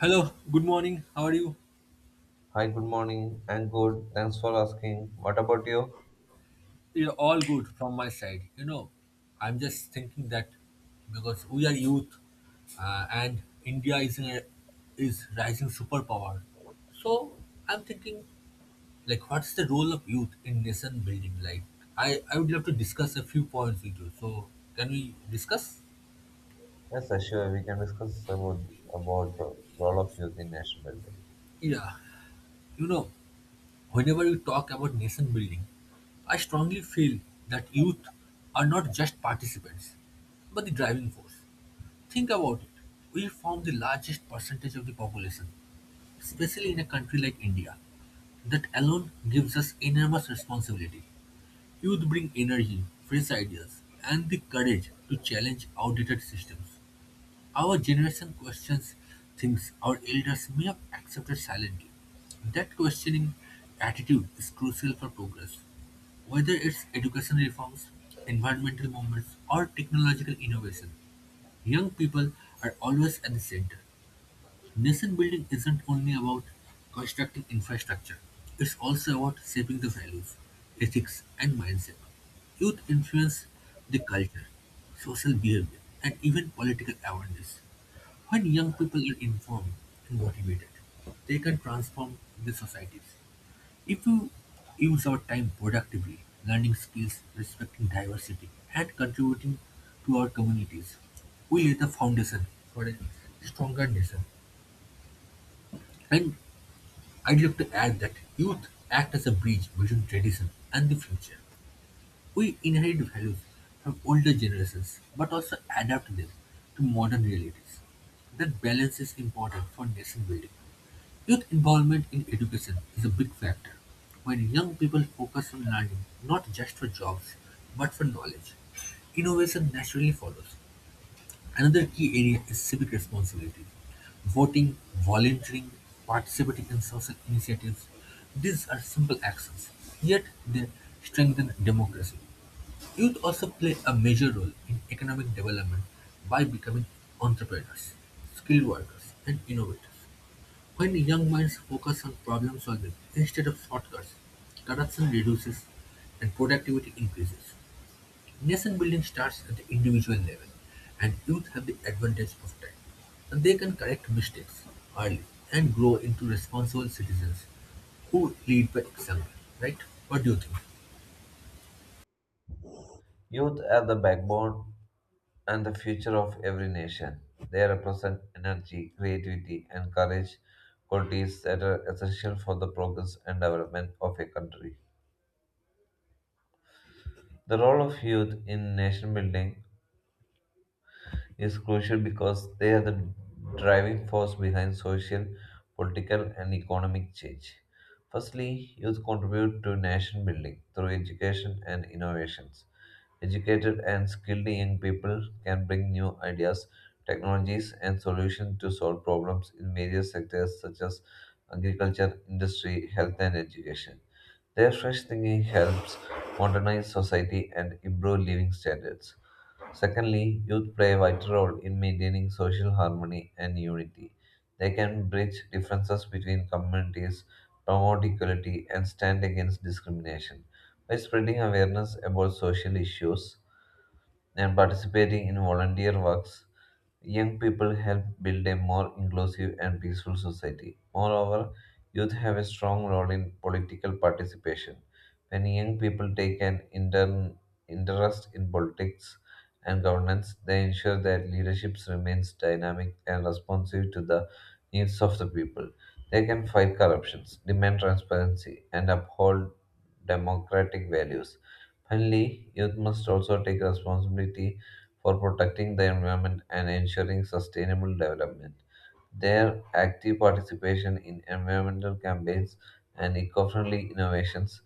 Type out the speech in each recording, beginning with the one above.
Hello, good morning. How are you? Hi, good morning. I'm good. Thanks for asking. What about you? You're all good from my side. You know, I'm just thinking that because we are youth and India is is rising superpower. So I'm thinking like what's the role of youth in nation building? Like I would love to discuss a few points with you. So can we discuss? Yes, sure. We can discuss about role of youth in nation building. Yeah. You know, whenever we talk about nation building, I strongly feel that youth are not just participants, but the driving force. Think about it. We form the largest percentage of the population, especially in a country like India. That alone gives us enormous responsibility. Youth bring energy, fresh ideas, and the courage to challenge outdated systems. Our generation questions things our elders may have accepted silently. That questioning attitude is crucial for progress. Whether it's education reforms, environmental movements, or technological innovation, young people are always at the center. Nation building isn't only about constructing infrastructure, it's also about shaping the values, ethics, and mindset. Youth influence the culture, social behavior, and even political awareness. When young people are informed and motivated, they can transform the societies. If we use our time productively, learning skills, respecting diversity, and contributing to our communities, we lay the foundation for a stronger nation. And I'd like to add that youth act as a bridge between tradition and the future. We inherit values from older generations but also adapt them to modern realities. That balance is important for nation building. Youth involvement in education is a big factor. When young people focus on learning, not just for jobs, but for knowledge, innovation naturally follows. Another key area is civic responsibility. Voting, volunteering, participating in social initiatives, these are simple actions, yet they strengthen democracy. Youth also play a major role in economic development by becoming entrepreneurs, skilled workers, and innovators. When young minds focus on problem solving instead of shortcuts, corruption reduces and productivity increases. Nation building starts at the individual level, and youth have the advantage of time. And they can correct mistakes early and grow into responsible citizens who lead by example, right? What do you think? Youth are the backbone and the future of every nation. They represent energy, creativity, and courage, qualities that are essential for the progress and development of a country. The role of youth in nation building is crucial because they are the driving force behind social, political, and economic change. Firstly, youth contribute to nation building through education and innovations. Educated and skilled young people can bring new ideas, technologies, and solutions to solve problems in various sectors such as agriculture, industry, health, and education. Their fresh thinking helps modernize society and improve living standards. Secondly, youth play a vital role in maintaining social harmony and unity. They can bridge differences between communities, promote equality, and stand against discrimination. By spreading awareness about social issues and participating in volunteer works, young people help build a more inclusive and peaceful society. Moreover, youth have a strong role in political participation. When young people take an interest in politics and governance, they ensure that leadership remains dynamic and responsive to the needs of the people. They can fight corruptions, demand transparency, and uphold democratic values. Finally, youth must also take responsibility for protecting the environment and ensuring sustainable development. Their active participation in environmental campaigns and eco friendly innovations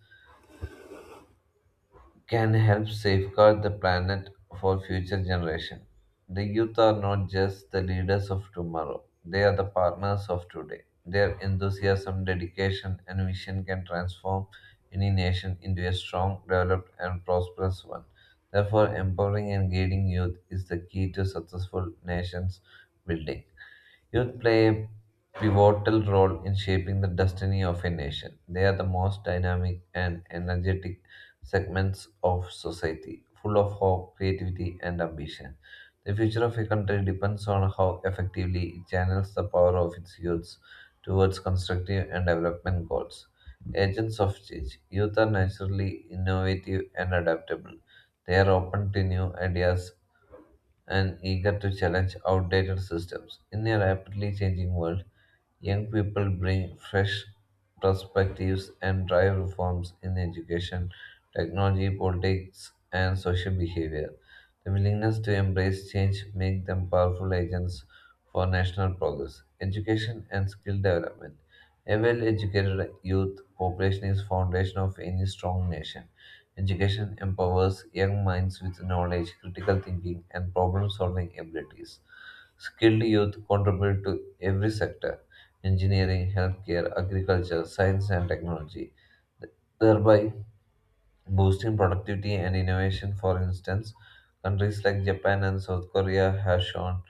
can help safeguard the planet for future generations. The youth are not just the leaders of tomorrow, they are the partners of today. Their enthusiasm, dedication, and vision can transform any nation into a strong, developed, and prosperous one. Therefore, empowering and guiding youth is the key to successful nations building. Youth play a pivotal role in shaping the destiny of a nation. They are the most dynamic and energetic segments of society, full of hope, creativity, and ambition. The future of a country depends on how effectively it channels the power of its youths towards constructive and development goals. Agents of change. Youth are naturally innovative and adaptable. They are open to new ideas and eager to challenge outdated systems. In a rapidly changing world, young people bring fresh perspectives and drive reforms in education, technology, politics, and social behavior. The willingness to embrace change make them powerful agents for national progress, education, and skill development. A well-educated youth population is foundation of any strong nation. Education empowers young minds with knowledge, critical thinking, and problem solving abilities. Skilled youth contribute to every sector engineering, healthcare, agriculture, science, and technology, thereby boosting productivity and innovation. For instance, countries like Japan and South Korea have shown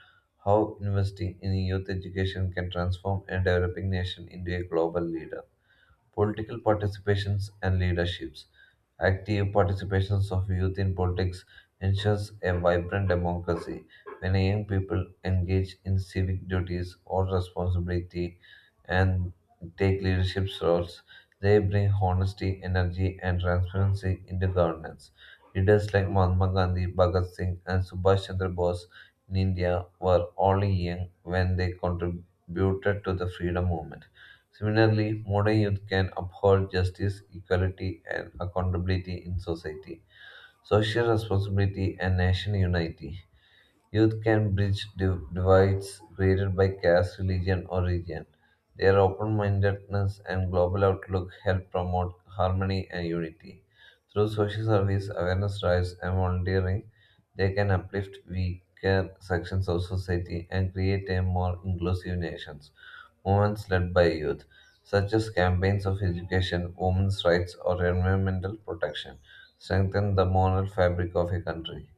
how investing in youth education can transform a developing nation into a global leader political participations and leaderships. Active participations of youth in politics ensures a vibrant democracy. When young people engage in civic duties or responsibility and take leadership roles, they bring honesty, energy, and transparency into governance. Leaders like Mahatma Gandhi, Bhagat Singh, and Subhash Chandra Bose in India were only young when they contributed to the freedom movement. Similarly, modern youth can uphold justice, equality, and accountability in society, social responsibility, and national unity. Youth can bridge divides created by caste, religion, or region. Their open mindedness and global outlook help promote harmony and unity. Through social service, awareness drives, and volunteering, they can uplift weaker sections of society and create a more inclusive nation. Movements led by youth, such as campaigns of education, women's rights, or environmental protection, strengthen the moral fabric of a country.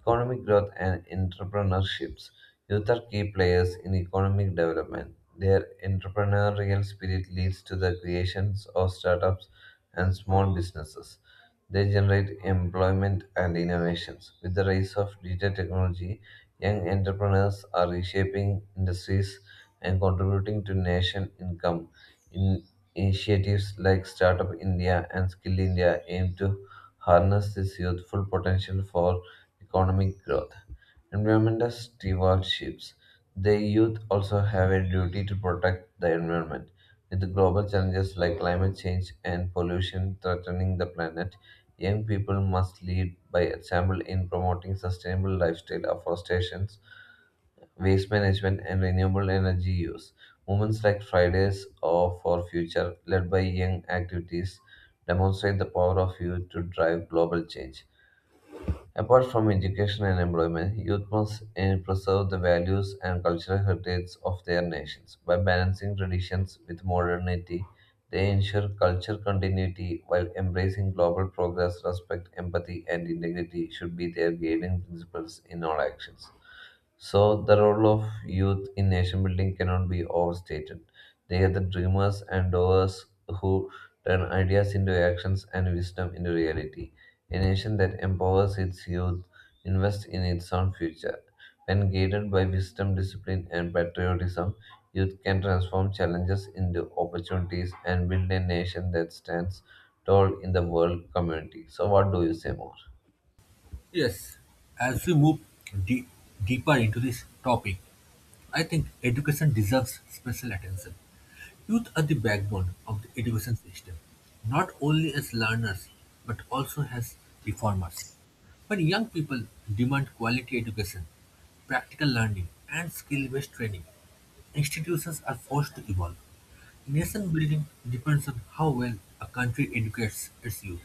Economic growth and entrepreneurships. Youth are key players in economic development. Their entrepreneurial spirit leads to the creations of startups and small businesses. They generate employment and innovations. With the rise of digital technology, young entrepreneurs are reshaping industries and contributing to nation income. In initiatives like Startup India and Skill India aim to harness this youthful potential for economic growth, environmental stewardships. The youth also have a duty to protect the environment. With global challenges like climate change and pollution threatening the planet, young people must lead by example in promoting sustainable lifestyle afforestation, waste management, and renewable energy use. Movements like Fridays or for Future, led by young activities, demonstrate the power of youth to drive global change. Apart from education and employment, youth must preserve the values and cultural heritage of their nations. By balancing traditions with modernity, they ensure culture continuity while embracing global progress, respect, empathy, and integrity should be their guiding principles in all actions. So, the role of youth in nation building cannot be overstated. They are the dreamers and doers who turn ideas into actions and wisdom into reality. A nation that empowers its youth invests in its own future. When guided by wisdom, discipline, and patriotism, youth can transform challenges into opportunities and build a nation that stands tall in the world community. So, what do you say more? Yes, as we move de- deeper into this topic, I think education deserves special attention. Youth are the backbone of the education system, not only as learners but also as reformers. When young people demand quality education, practical learning, and skill based training, institutions are forced to evolve. Nation building depends on how well a country educates its youth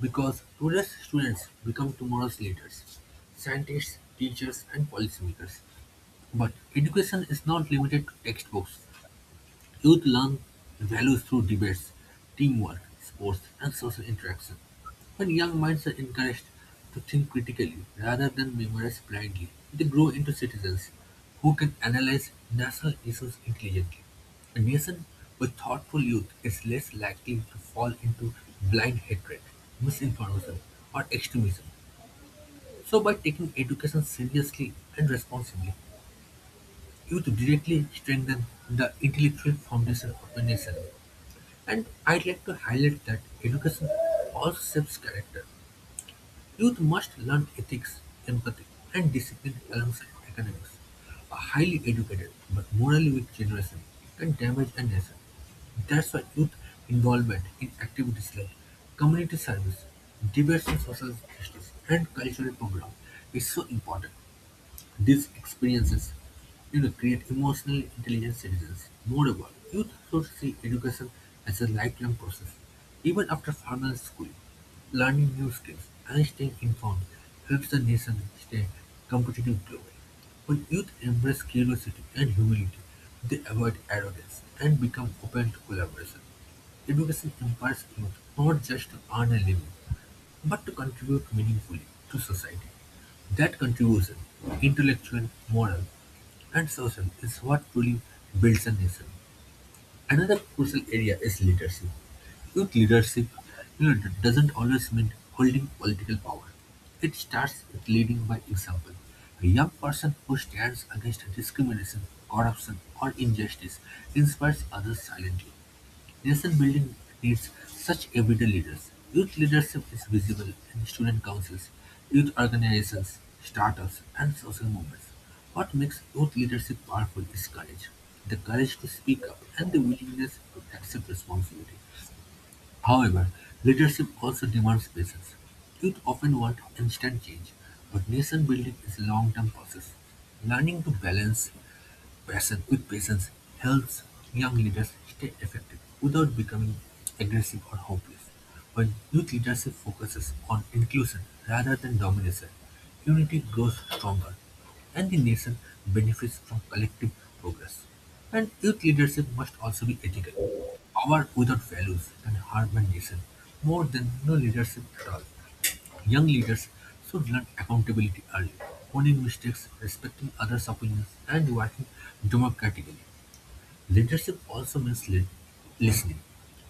because today's students become tomorrow's leaders, scientists, teachers, and policymakers. But education is not limited to textbooks. Youth learn values through debates, teamwork, sports, and social interaction. When young minds are encouraged to think critically rather than memorize blindly, they grow into citizens who can analyze national issues intelligently. A nation with thoughtful youth is less likely to fall into blind hatred, misinformation, or extremism. So, by taking education seriously and responsibly, youth directly strengthen the intellectual foundation of a nation. And I'd like to highlight that education also shapes character. Youth must learn ethics, empathy, and discipline alongside academics. A highly educated but morally weak generation can damage a nation. That's why youth involvement in activities like community service, debates on social justice, and cultural programs is so important. These experiences, create emotionally intelligent citizens. Moreover, youth should see education as a lifelong process. Even after formal schooling, learning new skills and staying informed helps the nation stay competitive globally. When youth embrace curiosity and humility, they avoid arrogance and become open to collaboration. Education empowers youth not just to earn a living, but to contribute meaningfully to society. That contribution, intellectual, moral, and social, is what truly builds a nation. Another crucial area is leadership. Youth leadership, you know, doesn't always mean holding political power. It starts with leading by example. A young person who stands against discrimination, corruption, or injustice inspires others silently. Nation building needs such everyday leaders. Youth leadership is visible in student councils, youth organizations, startups, and social movements. What makes youth leadership powerful is courage, the courage to speak up and the willingness to accept responsibility. However, leadership also demands patience. Youth often want instant change, but nation building is a long term process. Learning to balance passion with patience helps young leaders stay effective without becoming aggressive or hopeless. When youth leadership focuses on inclusion rather than domination, unity grows stronger and the nation benefits from collective progress. And youth leadership must also be ethical. Power without values can harm a nation more than no leadership at all. Young leaders should learn accountability early, owning mistakes, respecting others' opinions, and working democratically. Leadership also means listening.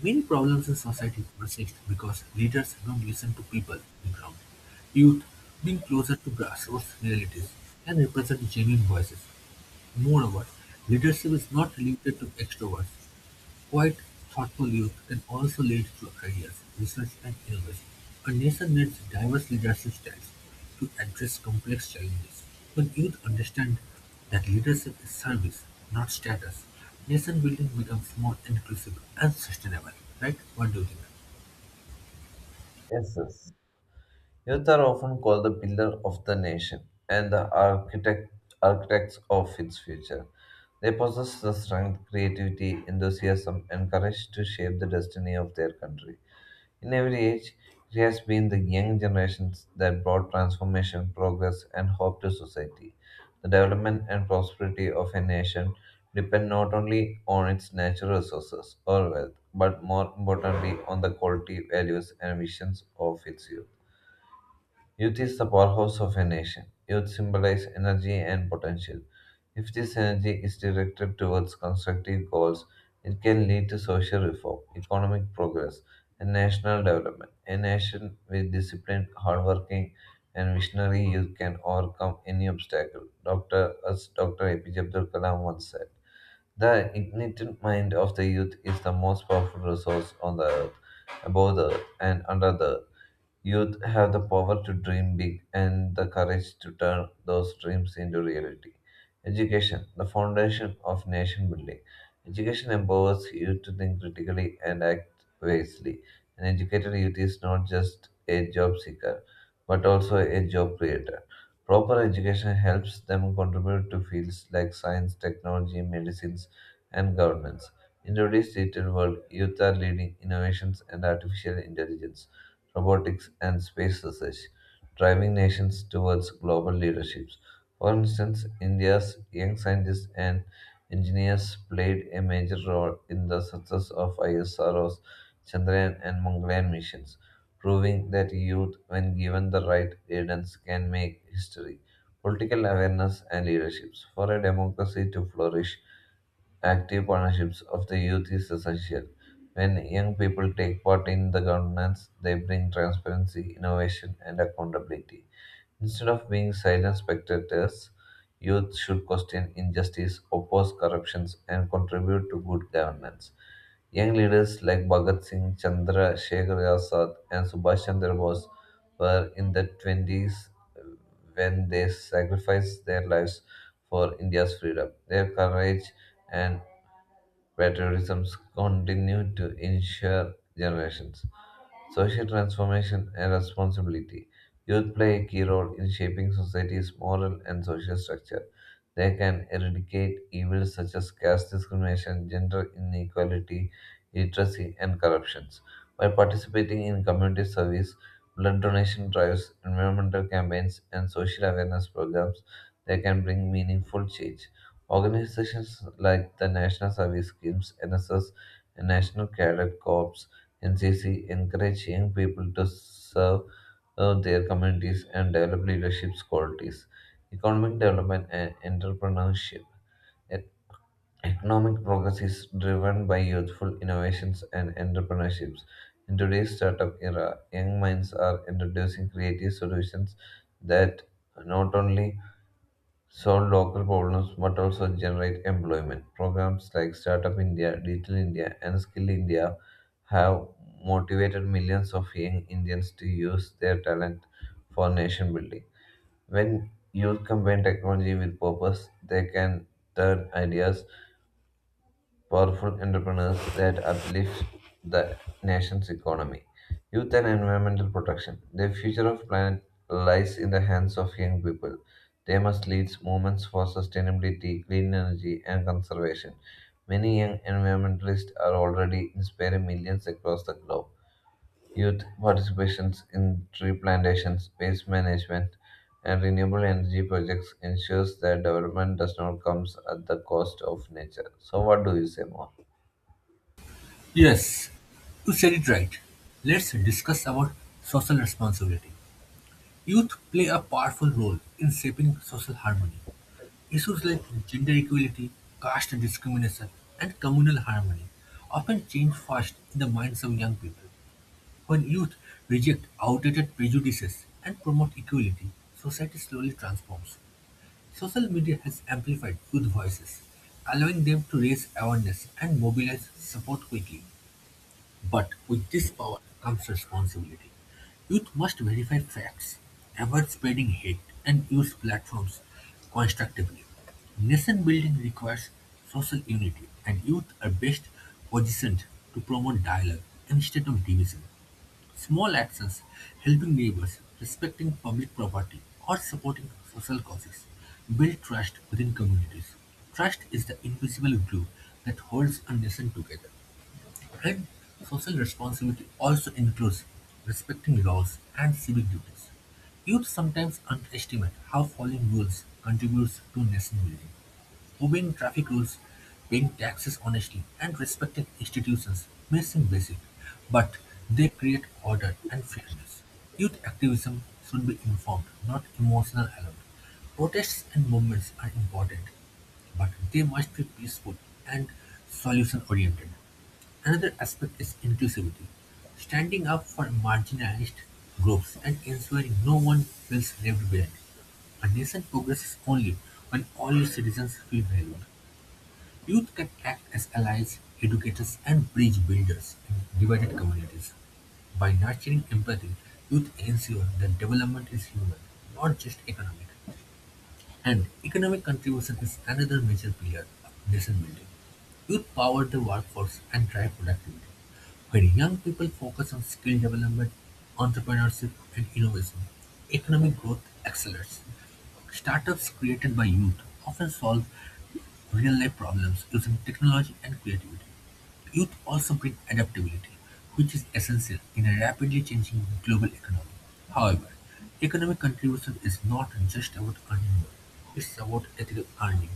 Many problems in society persist because leaders don't listen to people on the ground. Youth, being closer to grassroots realities, can represent genuine voices. Moreover, leadership is not limited to extroverts. Quite thoughtful youth can also lead to careers, research and innovation. A nation needs diverse leadership styles to address complex challenges. When youth understand that leadership is service, not status, nation building becomes more inclusive and sustainable. Right? What do you think? Yes, yes. Youth are often called the pillar of the nation and the architects of its future. They possess the strength, creativity, enthusiasm, and courage to shape the destiny of their country. In every age, it has been the young generations that brought transformation, progress, and hope to society. The development and prosperity of a nation depend not only on its natural resources or wealth, but more importantly on the quality, values, and visions of its youth. Youth is the powerhouse of a nation. Youth symbolizes energy and potential. If this energy is directed towards constructive goals, it can lead to social reform, economic progress, and national development. A nation with disciplined, hardworking, and visionary youth can overcome any obstacle. Dr. As Dr. APJ Abdul Kalam once said, "The ignited mind of the youth is the most powerful resource on the earth, above the earth, and under the earth." Youth have the power to dream big and the courage to turn those dreams into reality. Education, the foundation of nation building. Education empowers youth to think critically and act wisely. An educated youth is not just a job seeker, but also a job creator. Proper education helps them contribute to fields like science, technology, medicines, and governance. In today's digital world, youth are leading innovations and artificial intelligence robotics, and space research, driving nations towards global leaderships. For instance, India's young scientists and engineers played a major role in the success of ISRO's Chandrayaan and Mangalyaan missions, proving that youth, when given the right guidance, can make history. Political awareness and leaderships. For a democracy to flourish, active partnerships of the youth is essential. When young people take part in the governance, they bring transparency, innovation, and accountability. Instead of being silent spectators, youth should question injustice, oppose corruptions, and contribute to good governance. Young leaders like Bhagat Singh, Chandra Shekhar Azad, and Subhash Chandra Bose were in the 20s when they sacrificed their lives for India's freedom. Their courage and where tourism to ensure generations. Social transformation and responsibility. Youth play a key role in shaping society's moral and social structure. They can eradicate evils such as caste discrimination, gender inequality, literacy, and corruptions. By participating in community service, blood donation drives, environmental campaigns, and social awareness programs, they can bring meaningful change. Organizations like the National Service Schemes, NSS, and National Cadet Corps NCC encourage young people to serve their communities and develop leadership qualities. Economic development and entrepreneurship. E- Economic progress is driven by youthful innovations and entrepreneurships. In today's startup era, young minds are introducing creative solutions that not only solve local problems but also generate employment. Programs like Startup India, Digital India, and Skill India have motivated millions of young Indians to use their talent for nation building. When youth combine technology with purpose, they can turn ideas powerful entrepreneurs that uplift the nation's economy. Youth and environmental protection. The future of planet lies in the hands of young people. They must lead movements for sustainability, clean energy, and conservation. Many young environmentalists are already inspiring millions across the globe. Youth participations in tree plantations, waste management, and renewable energy projects ensures that development does not come at the cost of nature. So, what do you say more? Yes, you said it right. Let's discuss about social responsibility. Youth play a powerful role in shaping social harmony. Issues like gender equality, caste discrimination, and communal harmony often change fast in the minds of young people. When youth reject outdated prejudices and promote equality, society slowly transforms. Social media has amplified youth voices, allowing them to raise awareness and mobilize support quickly. But with this power comes responsibility. Youth must verify facts, avoid spreading hate, and use platforms constructively. Nation building requires social unity, and youth are best positioned to promote dialogue instead of division. Small actions, helping neighbors, respecting public property, or supporting social causes, build trust within communities. Trust is the invisible glue that holds a nation together. Red social responsibility also includes respecting laws and civic duties. Youth sometimes underestimate how following rules contributes to nation building. Obeying traffic rules, paying taxes honestly, and respecting institutions may seem basic, but they create order and fairness. Youth activism should be informed, not emotional alone. Protests and movements are important, but they must be peaceful and solution oriented. Another aspect is inclusivity, standing up for marginalized groups and ensuring no one feels left behind. A nation progresses only when all its citizens feel valued. Youth can act as allies, educators, and bridge builders in divided communities. By nurturing empathy, youth ensure that development is human, not just economic. And economic contribution is another major pillar of nation building. Youth power the workforce and drive productivity. When young people focus on skill development, entrepreneurship, and innovation, economic growth accelerates. Startups created by youth often solve real life problems using technology and creativity. Youth also bring adaptability, which is essential in a rapidly changing global economy. However, economic contribution is not just about earning more, it's about ethical earning.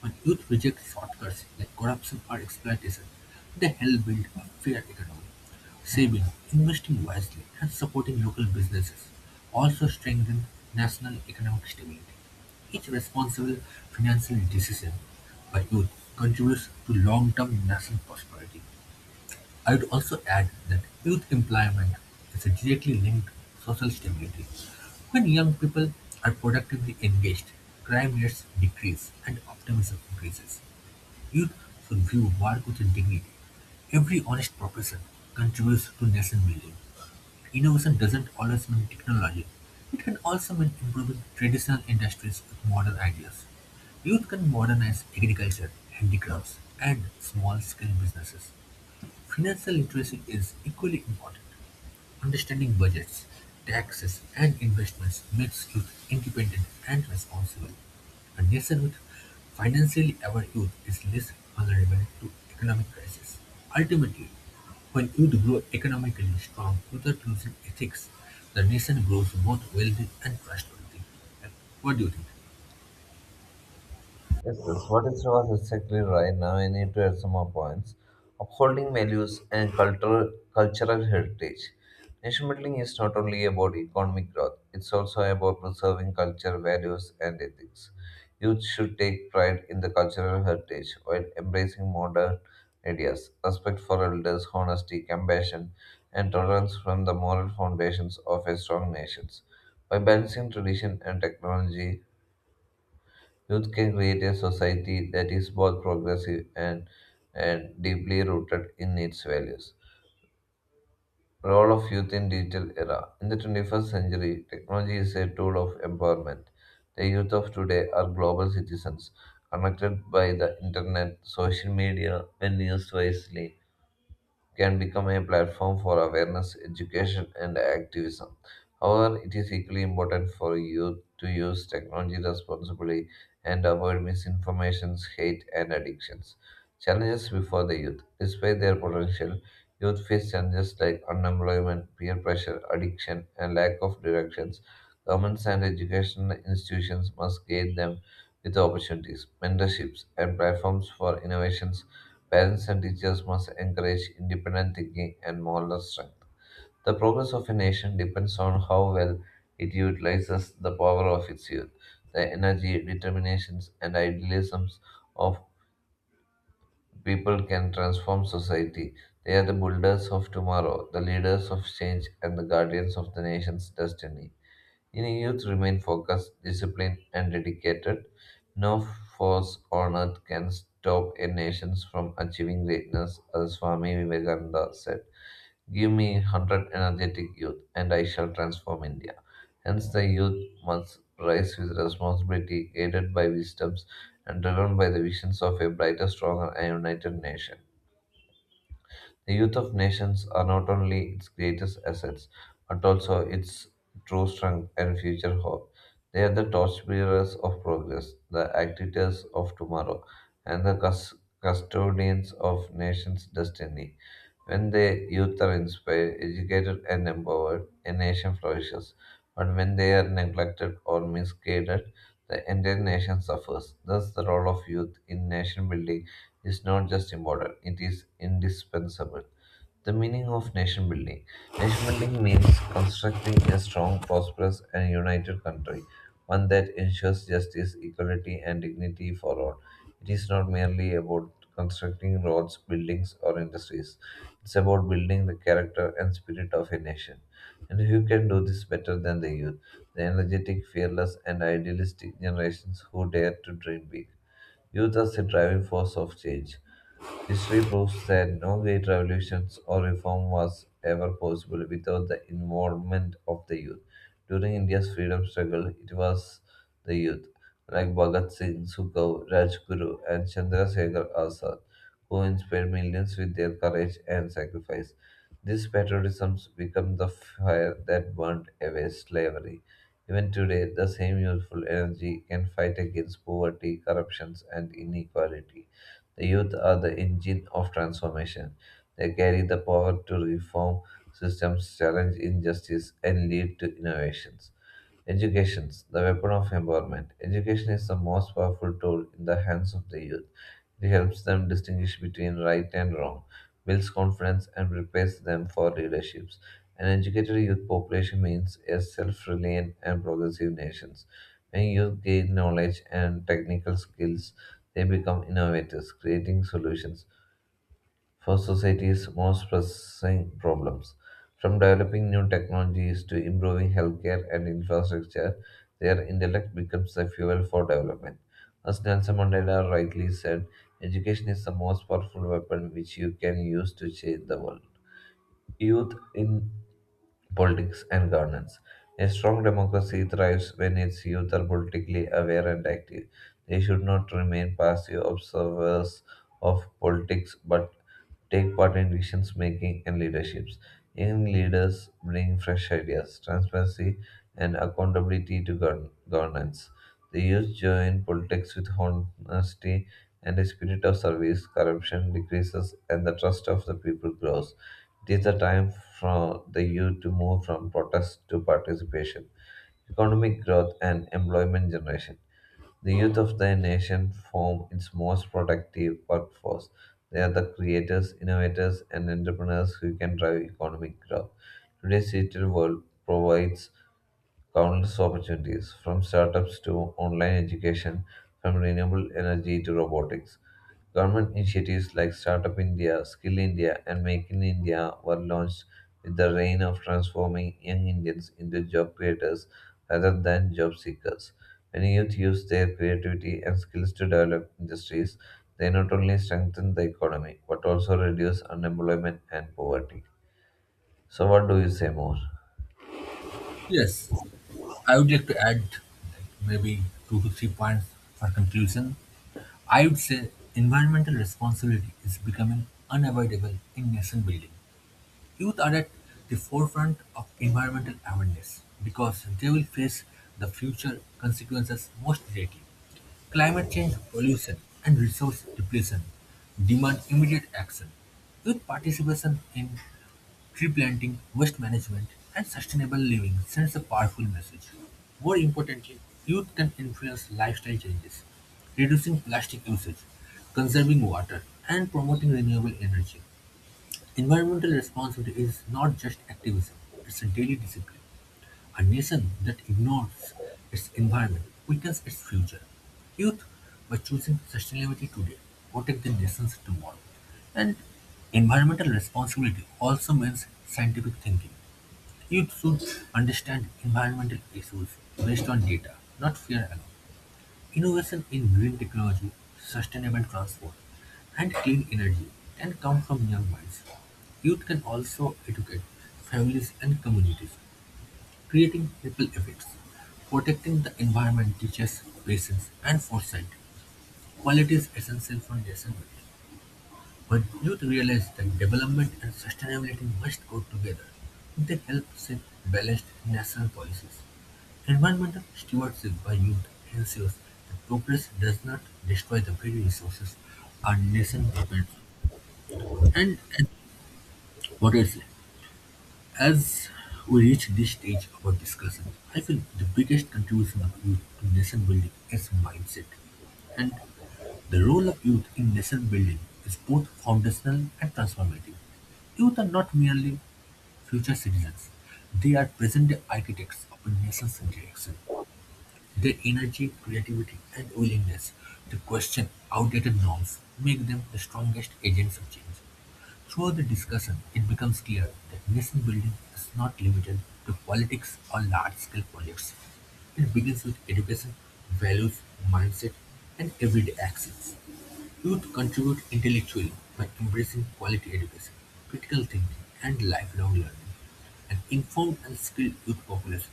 When youth reject shortcuts like corruption or exploitation, they help build a fair economy. Saving, investing wisely and supporting local businesses, also strengthen national economic stability. Each responsible financial decision by youth contributes to long-term national prosperity. I would also add that youth employment is directly linked to social stability. When young people are productively engaged, crime rates decrease and optimism increases. Youth should view work with dignity. Every honest profession contributes to nation building. Innovation doesn't always mean technology. It can also mean improving traditional industries with modern ideas. Youth can modernize agriculture, handicrafts, and small-scale businesses. Financial literacy is equally important. Understanding budgets, taxes, and investments makes youth independent and responsible. A nation with financially aware youth is less vulnerable to economic crisis. Ultimately, when youth grow economically strong without losing ethics, the nation grows both wealthy and trustworthy. And what do you think? Yes, yes. What is was exactly right now? I need to add some more points. Upholding values and cultural heritage. Nation building is not only about economic growth; it's also about preserving culture, values, and ethics. Youth should take pride in the cultural heritage while embracing modern ideas, respect for elders, honesty, compassion, and tolerance from the moral foundations of a strong nation. By balancing tradition and technology, youth can create a society that is both progressive and deeply rooted in its values. Role of youth in digital era. In the 21st century, technology is a tool of empowerment. The youth of today are global citizens, connected by the internet, social media, when used wisely can become a platform for awareness, education, and activism. However, it is equally important for youth to use technology responsibly and avoid misinformation, hate, and addictions. Challenges before the youth. Despite their potential, youth face challenges like unemployment, peer pressure, addiction, and lack of directions. Governments and educational institutions must guide them with opportunities, mentorships, and platforms for innovations. Parents and teachers must encourage independent thinking and moral strength. The progress of a nation depends on how well it utilizes the power of its youth. The energy, determinations, and idealisms of people can transform society. They are the builders of tomorrow, the leaders of change, and the guardians of the nation's destiny. Any youth remain focused, disciplined, and dedicated. No force on earth can stop a nation from achieving greatness, as Swami Vivekananda said. Give me 100 energetic youth, and I shall transform India. Hence, the youth must rise with responsibility, aided by wisdoms, and driven by the visions of a brighter, stronger, and united nation. The youth of nations are not only its greatest assets, but also its true strength and future hope. They are the torchbearers of progress, the actors of tomorrow, and the custodians of nation's destiny. When the youth are inspired, educated, and empowered, a nation flourishes. But when they are neglected or misguided, the entire nation suffers. Thus, the role of youth in nation building is not just important, it is indispensable. The meaning of nation building. Nation building means constructing a strong, prosperous, and united country, one that ensures justice, equality, and dignity for all. It is not merely about constructing roads, buildings, or industries. It's about building the character and spirit of a nation. And who can do this better than the youth, the energetic, fearless, and idealistic generations who dare to dream big? Youth as a driving force of change. History proves that no great revolutions or reform was ever possible without the involvement of the youth. During India's freedom struggle, it was the youth, like Bhagat Singh, Sukhdev, Rajguru, and Chandrasekhar Azad, who inspired millions with their courage and sacrifice. These patriotisms became the fire that burned away slavery. Even today, the same youthful energy can fight against poverty, corruptions, and inequality. The youth are the engine of transformation. They carry the power to reform systems, challenge injustice, and lead to innovations. Education, the weapon of empowerment. Education is the most powerful tool in the hands of the youth. It helps them distinguish between right and wrong, builds confidence, and prepares them for leaderships. An educated youth population means a self reliant and progressive nation. When youth gain knowledge and technical skills, they become innovators, creating solutions for society's most pressing problems. From developing new technologies to improving healthcare and infrastructure, their intellect becomes the fuel for development. As Nelson Mandela rightly said, education is the most powerful weapon which you can use to change the world. Youth in politics and governance. A strong democracy thrives when its youth are politically aware and active. They should not remain passive observers of politics but take part in decision making and leaderships. Young leaders bring fresh ideas, transparency, and accountability to governance. The youth join politics with honesty and a spirit of service. Corruption decreases, and the trust of the people grows. It is the time for the youth to move from protest to participation economic growth and employment generation. The youth of the nation form its most productive workforce. They are the creators, innovators, and entrepreneurs who can drive economic growth. Today's digital world provides countless opportunities from startups to online education, from renewable energy to robotics. Government initiatives like Startup India, Skill India, and Make in India were launched with the aim of transforming young Indians into job creators rather than job seekers. When youth use their creativity and skills to develop industries, they not only strengthen the economy but also reduce unemployment and poverty. So, what do you say more? Yes, I would like to add, like, maybe two to three points for conclusion. I would say environmental responsibility is becoming unavoidable in nation building. Youth are at the forefront of environmental awareness because they will face the future consequences most directly. Climate change, pollution, and resource depletion demand immediate action. Youth participation in tree planting, waste management, and sustainable living sends a powerful message. More importantly, youth can influence lifestyle changes, reducing plastic usage, conserving water, and promoting renewable energy. Environmental responsibility is not just activism, it's a daily discipline. A nation that ignores its environment weakens its future. Youth, by choosing sustainability today, protect the nations tomorrow. And environmental responsibility also means scientific thinking. Youth should understand environmental issues based on data, not fear alone. Innovation in green technology, sustainable transport, and clean energy can come from young minds. Youth can also educate families and communities, creating ripple effects. Protecting the environment teaches patience and foresight, qualities essential for nation building. When youth realize that development and sustainability must go together, they help shape balanced national policies. Environmental stewardship by youth ensures that progress does not destroy the very resources our nation depends on. And what I say, as we reach this stage of our discussion, I feel the biggest contribution of youth to nation building is mindset. And the role of youth in nation-building is both foundational and transformative. Youth are not merely future citizens, they are present-day architects of a nation's direction. Their energy, creativity, and willingness to question outdated norms make them the strongest agents of change. Through the discussion, it becomes clear that nation building is not limited to politics or large scale projects. It begins with education, values, mindset, and everyday actions. Youth contribute intellectually by embracing quality education, critical thinking, and lifelong learning. An informed and skilled youth population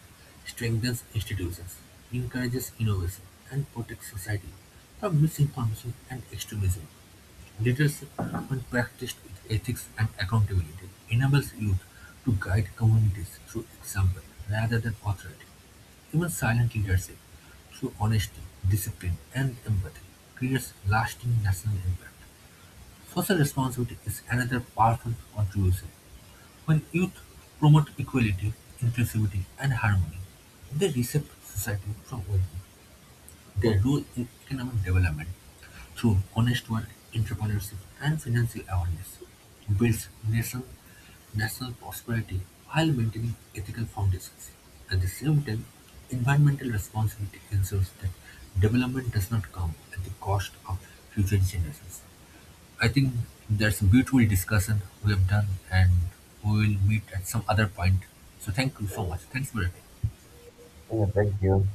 strengthens institutions, encourages innovation, and protects society from misinformation and extremism. Leadership, when practiced with ethics and accountability, enables youth to guide communities through example rather than authority. Even silent leadership, through honesty, discipline, and empathy, creates lasting national impact. Social responsibility is another powerful contribution. When youth promote equality, inclusivity, and harmony, they reshape society from within. They rule in economic development through honest work, entrepreneurship, and financial awareness, builds nation, national prosperity while maintaining ethical foundations. At the same time, environmental responsibility ensures that development does not come at the cost of future generations. I think that's a beautiful discussion we have done, and we will meet at some other point. So, thank you so much. Thanks for your time. Yeah, thank you.